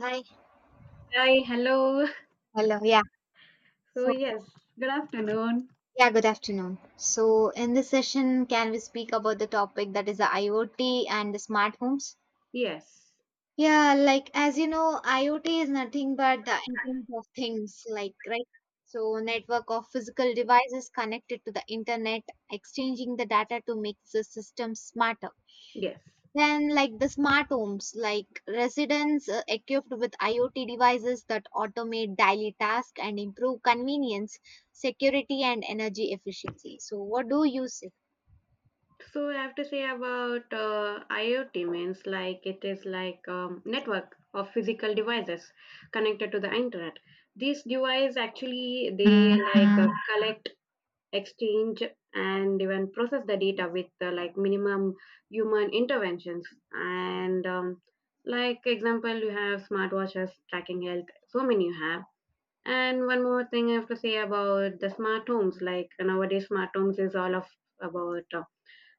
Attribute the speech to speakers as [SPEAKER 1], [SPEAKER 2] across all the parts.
[SPEAKER 1] Hi.
[SPEAKER 2] Hi, hello.
[SPEAKER 1] Hello. Yeah.
[SPEAKER 2] So,
[SPEAKER 1] So,
[SPEAKER 2] yes, good afternoon.
[SPEAKER 1] yeah, good afternoon. So, in this session, can we speak about the topic that is the IoT and the smart homes?
[SPEAKER 2] Yes,
[SPEAKER 1] Yeah, like as you know, IoT is nothing but the Internet of Things, like, right? So, network of physical devices connected to the internet, exchanging the data to make the system smarter.
[SPEAKER 2] yes.
[SPEAKER 1] Then, like the smart homes, like residents equipped with IoT devices that automate daily tasks and improve convenience, security, and energy efficiency. So, what do you say?
[SPEAKER 2] So, I have to say about IoT means like it is like network of physical devices connected to the internet. These devices actually they
[SPEAKER 1] Mm,
[SPEAKER 2] like
[SPEAKER 1] mm.
[SPEAKER 2] collect, exchange, and even process the data with like minimum human interventions. And like example, you have smartwatches tracking health. So many you have. And one more thing I have to say about the smart homes. Like nowadays, smart homes is all of about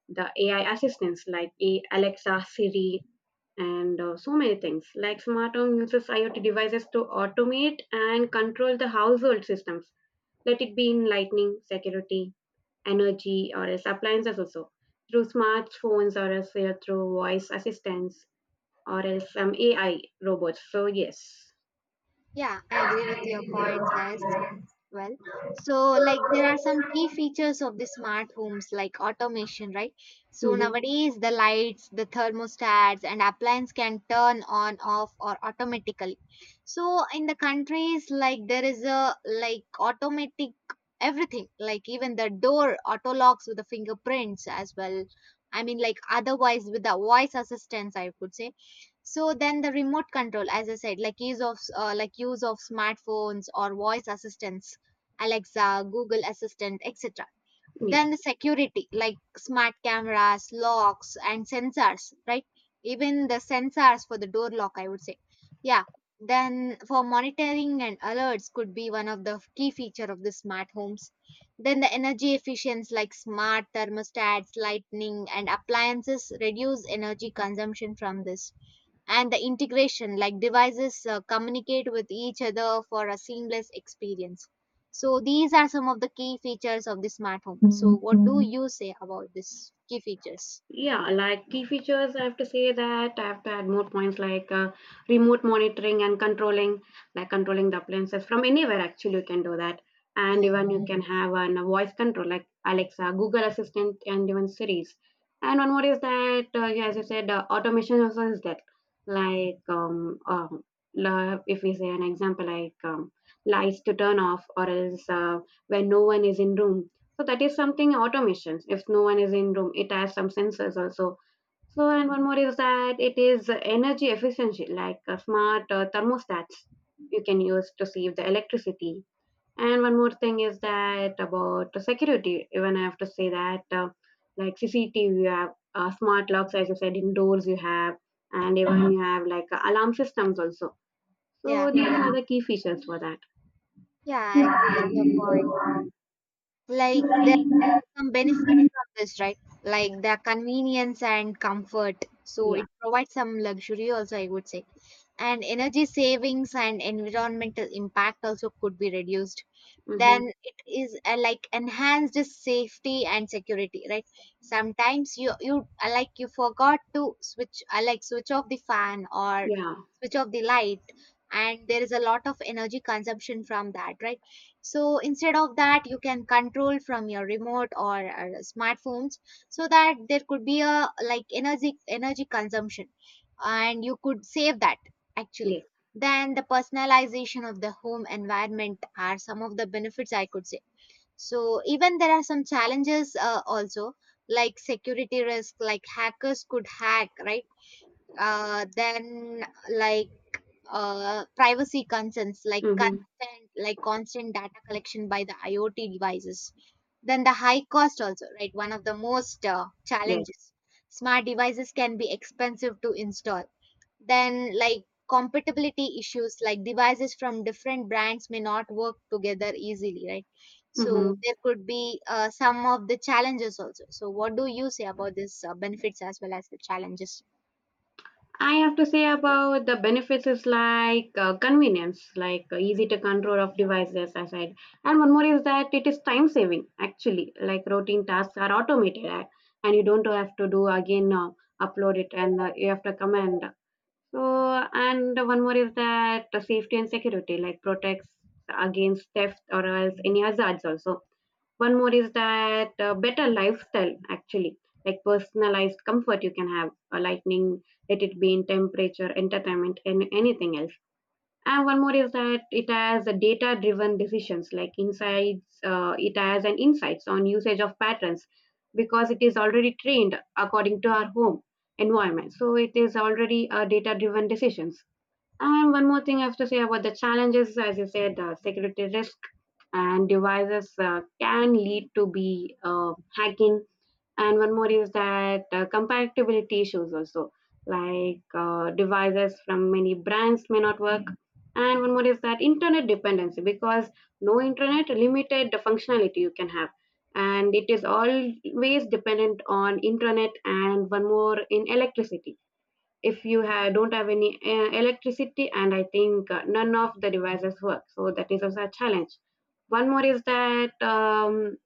[SPEAKER 2] the AI assistants like Alexa, Siri, and so many things. Like smart home uses IoT devices to automate and control the household systems. Let it be in lighting, security, energy, or else appliances also through smartphones or else through voice assistants or else some AI robots. So yes,
[SPEAKER 1] Yeah, I agree with your points, as well. So, like, there are some key features of the smart homes, like automation, right? So
[SPEAKER 2] mm-hmm.
[SPEAKER 1] nowadays the lights, the thermostats, and appliance can turn on, off, or automatically. So in the countries, like, there is a like automatic everything, like even the door auto locks with the fingerprints as well. I mean, like, otherwise with the voice assistance, I could say. So then the remote control, as I said, like use of smartphones or voice assistants, Alexa, Google Assistant, etc.
[SPEAKER 2] Yeah.
[SPEAKER 1] Then the security, like smart cameras, locks, and sensors, right? Even the sensors for the door lock, I would say. Yeah. Then for monitoring and alerts could be one of the key feature of the smart homes. Then the energy efficiency, like smart thermostats, lighting, and appliances reduce energy consumption from this, and the integration, like devices communicate with each other for a seamless experience. So these are some of the key features of the smart home. So what do Mhm. you say about this key features?
[SPEAKER 2] Yeah, like key features, I have to say that I have to add more points like remote monitoring and controlling, like controlling the appliances from anywhere. Actually, you can do that, and
[SPEAKER 1] Yeah,
[SPEAKER 2] even you can have a voice control like Alexa, Google Assistant, and even Series. And one more is that, yeah, as you said, automation also is that. Like, if we say an example, like lights to turn off, or else when no one is in room, so that is something automations. If no one is in room, it has some sensors also. So and one more is that it is energy efficiency, like smart thermostats you can use to save the electricity. And one more thing is that about the security. Even I have to say that like CCTV, you have smart locks, as you said, indoors you have, and even mhm, you have like alarm systems also.
[SPEAKER 1] yeah,
[SPEAKER 2] So these, yeah, are the key features for that.
[SPEAKER 1] yeah, I agree with
[SPEAKER 2] Yeah.
[SPEAKER 1] your point. Like, there some benefits from this, right? Like the convenience and comfort. So it provides some luxury also, I would say. And energy savings and environmental impact also could be reduced.
[SPEAKER 2] Hmm.
[SPEAKER 1] Then it is like enhanced safety and security, right? Sometimes you you like you forgot to switch like switch off the fan or
[SPEAKER 2] Yeah.
[SPEAKER 1] switch off the light, and there is a lot of energy consumption from that, right? So instead of that, you can control from your remote or smartphones, so that there could be a like energy consumption and you could save that, actually.
[SPEAKER 2] Yes.
[SPEAKER 1] Then the personalization of the home environment are some of the benefits I could say. So even there are some challenges also, like security risk, like hackers could hack, right? Then like privacy concerns, like
[SPEAKER 2] Mm-hmm.
[SPEAKER 1] constant data collection by the IoT devices. Then the high cost also, right? One of the most
[SPEAKER 2] Yes.
[SPEAKER 1] challenges. Smart devices can be expensive to install. Then like compatibility issues, like devices from different brands may not work together easily, right? So
[SPEAKER 2] Mm-hmm.
[SPEAKER 1] there could be some of the challenges also. So what do you say about this benefits as well as the challenges?
[SPEAKER 2] I have to say about the benefits is like convenience, like easy to control of devices, as I. And one more is that it is time saving, actually, like routine tasks are automated and you don't have to do again upload it and you have to command. So, and one more is that safety and security, like protects against theft or else any hazards also. One more is that better lifestyle, actually, like personalized comfort you can have, lightning, let it be in temperature, entertainment, and anything else. And one more is that it has a data-driven decisions, like insights. It has an insights on usage of patterns because it is already trained according to our home environment. So it is already a data-driven decisions. And one more thing I have to say about the challenges, as you said, security risk and devices can lead to be hacking. And one more is that compatibility issues also, like devices from many brands may not work. And one more is that internet dependency, because no internet, limited the functionality you can have. And it is always dependent on internet, and one more in electricity. If you don't have any electricity, and I think none of the devices work, so that is also a challenge. One more is that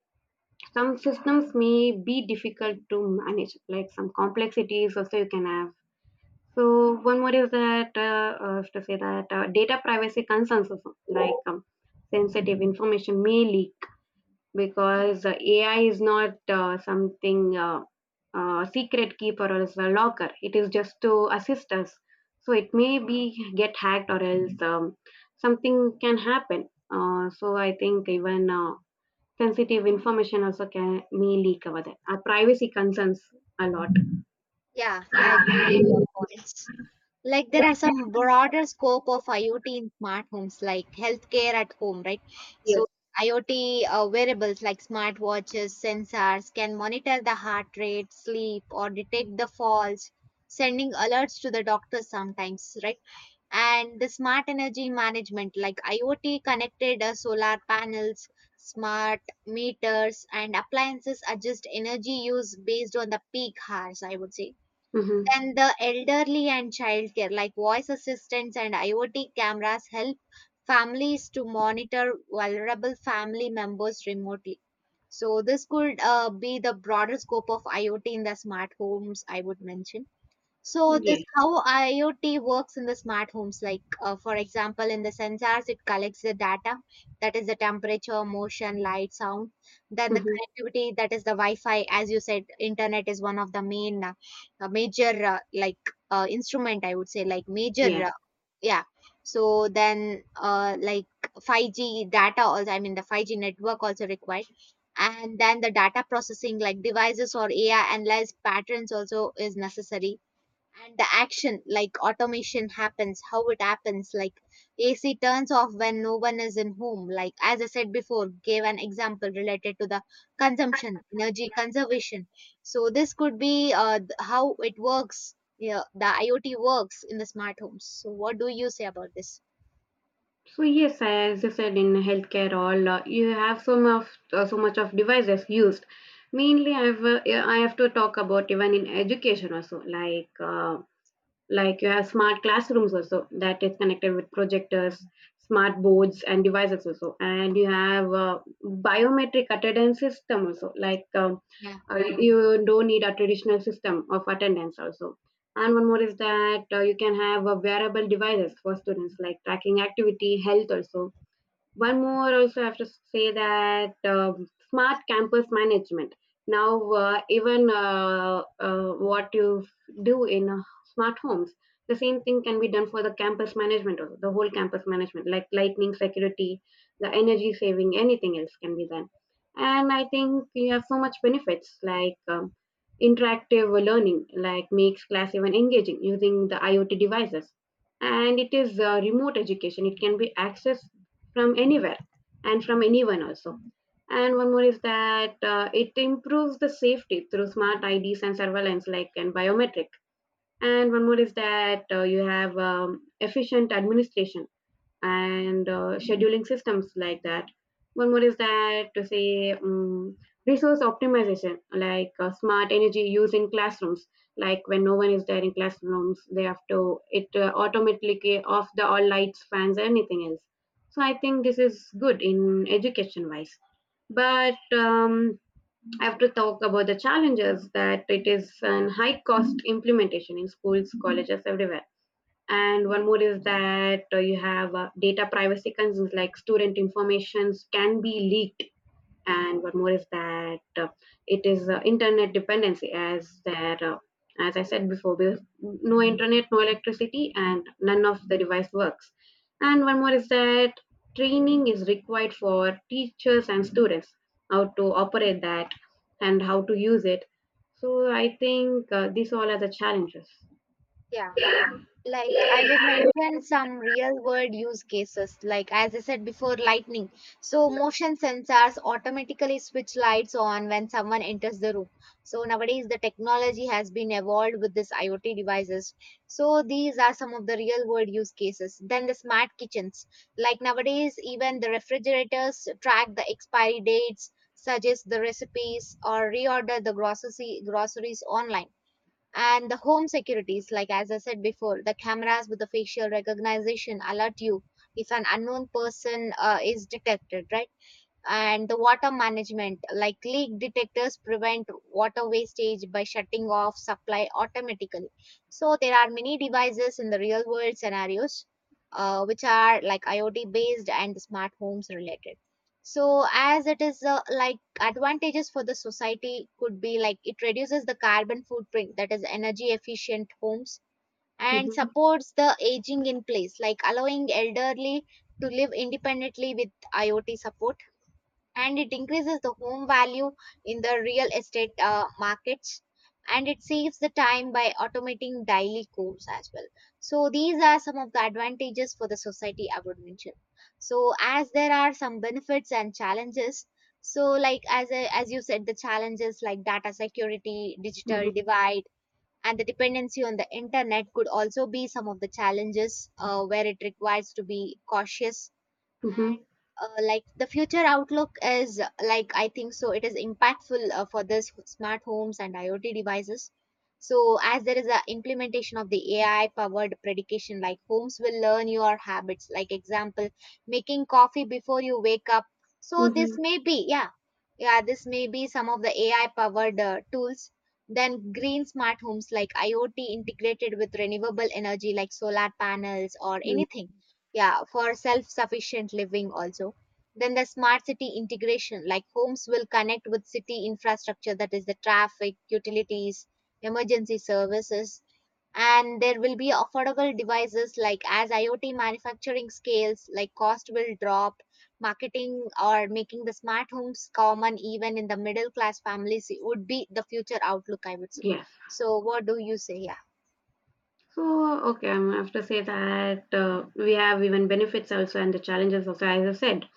[SPEAKER 2] some systems may be difficult to manage, like some complexities also you can have. So one more is that to say that data privacy concerns also, like sensitive information may leak because AI is not something secret keeper or else a locker. It is just to assist us. So it may be get hacked or else something can happen. So I think even sensitive information also can may leak over there. Our privacy concerns a lot.
[SPEAKER 1] Yeah, I agree with your points. Like, there are some broader scope of IoT in smart homes, like healthcare at home, right?
[SPEAKER 2] Yes.
[SPEAKER 1] So IoT wearables like smartwatches, sensors can monitor the heart rate, sleep, or detect the falls, sending alerts to the doctor sometimes, right? And the smart energy management, like IoT connected solar panels, smart meters, and appliances adjust energy use based on the peak hours, I would say.
[SPEAKER 2] Mm-hmm.
[SPEAKER 1] Then the elderly and childcare, like voice assistants and IoT cameras, help families to monitor vulnerable family members remotely. So this could be the broader scope of IoT in the smart homes, I would mention. So this
[SPEAKER 2] Yes.
[SPEAKER 1] how IoT works in the smart homes. Like for example, in the sensors, it collects the data, that is the temperature, motion, light, sound. Then the
[SPEAKER 2] Mm-hmm.
[SPEAKER 1] connectivity, that is the Wi-Fi. As you said, internet is one of the main major like instrument. I would say, like
[SPEAKER 2] Yeah.
[SPEAKER 1] major yeah. So then like 5G data also. I mean the 5G network also required. And then the data processing, like devices or AI analyze patterns also is necessary. And the action, like automation happens, how it happens, like AC turns off when no one is in home, like as I said before, gave an example related to the consumption, energy conservation. So this could be how it works. Yeah, the IoT works in the smart homes. So what do you say about this?
[SPEAKER 2] So yes, I- as you said in healthcare, all you have so much so much of devices used. Mainly, I've yeah, I have to talk about even in education also, like you have smart classrooms also that is connected with projectors, smart boards and devices also, and you have biometric attendance system also, like
[SPEAKER 1] Yeah.
[SPEAKER 2] you don't need a traditional system of attendance also. And one more is that you can have wearable devices for students like tracking activity health also. One more also I have to say that smart campus management. Now even what you do in smart homes, the same thing can be done for the campus management also, the whole campus management, like lightning, security, the energy saving, anything else can be done. And I think you have so much benefits like interactive learning, like makes class even engaging using the IoT devices, and it is remote education, it can be accessed from anywhere and from anyone also. And one more is that it improves the safety through smart IDs and surveillance, like and biometric. And one more is that you have efficient administration and scheduling systems like that. One more is that to say resource optimization, like smart energy use in classrooms. Like when no one is there in classrooms, they have to it automatically off the all lights, fans, anything else. So I think this is good in education wise. But I have to talk about the challenges that it is an high cost implementation in schools, colleges, everywhere. And one more is that you have data privacy concerns, like student informations can be leaked. And one more is that it is internet dependency, as there as I said before, there's no internet, no electricity, and none of the device works. And one more is that training is required for teachers and students, how to operate that and how to use it. So I think these all are the challenges.
[SPEAKER 1] Yeah, like I would mention some real world use cases, like as I said before, lightning. So motion sensors automatically switch lights on when someone enters the room. So nowadays the technology has been evolved with this IoT devices. So these are some of the real world use cases. Then the smart kitchens, like nowadays even the refrigerators track the expiry dates, suggest the recipes, or reorder the grocery groceries online. And the home securities, like as I said before, the cameras with the facial recognition alert you if an unknown person is detected, right? And the water management, like leak detectors prevent water wastage by shutting off supply automatically. So there are many devices in the real world scenarios which are like IoT based and smart homes related. So as it is like advantages for the society could be like it reduces the carbon footprint, that is energy efficient homes, and
[SPEAKER 2] Hmm.
[SPEAKER 1] supports the aging in place, like allowing elderly to live independently with IoT support. And it increases the home value in the real estate markets. And it saves the time by automating daily chores as well. So these are some of the advantages for the society I would mention. So as there are some benefits and challenges. So like as I, as you said, the challenges, like data security, digital divide, and the dependency on the internet could also be some of the challenges where it requires to be cautious.
[SPEAKER 2] Hmm.
[SPEAKER 1] Like the future outlook is like, I think so, it is impactful for this smart homes and IoT devices. So as there is a implementation of the AI powered predication, like homes will learn your habits, like example, making coffee before you wake up. So this
[SPEAKER 2] Mhm.
[SPEAKER 1] may be, yeah, yeah, this may be some of the AI powered tools. Then green smart homes, like IoT integrated with renewable energy like solar panels or
[SPEAKER 2] Mm.
[SPEAKER 1] anything, yeah, for self-sufficient living also. Then the smart city integration, like homes will connect with city infrastructure, that is the traffic, utilities, emergency services. And there will be affordable devices, like as IoT manufacturing scales, like cost will drop, marketing or making the smart homes common even in the middle class families would be the future outlook I would say.
[SPEAKER 2] Yes.
[SPEAKER 1] So what do you say? Yeah.
[SPEAKER 2] So, okay, I'm have to say that we have even benefits also and the challenges also, as I said.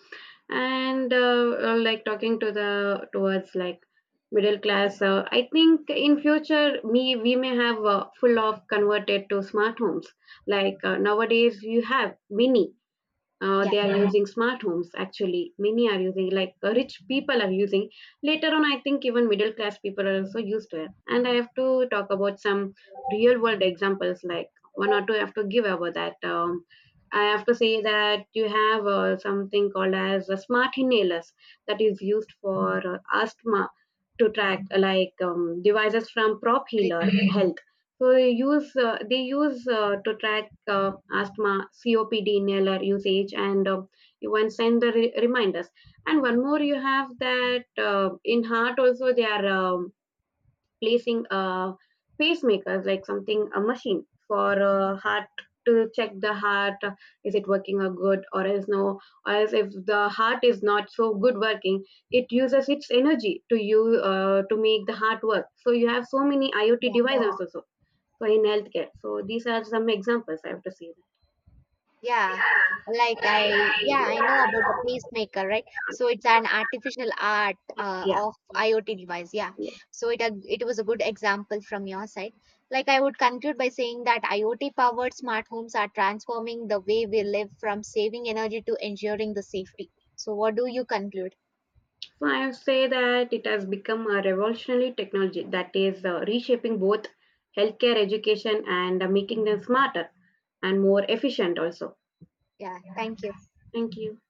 [SPEAKER 2] And like talking to the towards like middle class, I think in future me we may have full of converted to smart homes. Like nowadays, you have mini.
[SPEAKER 1] Yeah.
[SPEAKER 2] They are, yeah, using smart homes. Actually many are using, like rich people are using. Later on I think even middle class people are also used to it. And I have to talk about some real world examples, like one or two I have to give about that. I have to say that you have something called as smart inhalers that is used for asthma, to track like devices from prop healer
[SPEAKER 1] Preeti.
[SPEAKER 2] health. So they use to track like, asthma, COPD, inhaler usage, and even send the reminders. And one more, you have that in heart also they are placing pacemakers, like something a machine for heart to check the heart is it working or good or else no, or else if the heart is not so good working, it uses its energy to you to make the heart work. So you have so many IoT devices also, so in healthcare. So these are some examples I have to say.
[SPEAKER 1] Yeah, like I, yeah, I know about the pacemaker, right? So it's an artificial art
[SPEAKER 2] Yeah,
[SPEAKER 1] of IoT device. Yeah,
[SPEAKER 2] yeah.
[SPEAKER 1] so it was a good example from your side. Like I would conclude by saying that IoT powered smart homes are transforming the way we live, from saving energy to ensuring the safety. So what do you conclude?
[SPEAKER 2] So I say that it has become a revolutionary technology that is reshaping both healthcare, education, and making them smarter and more efficient also.
[SPEAKER 1] Yeah, thank you.
[SPEAKER 2] Thank you.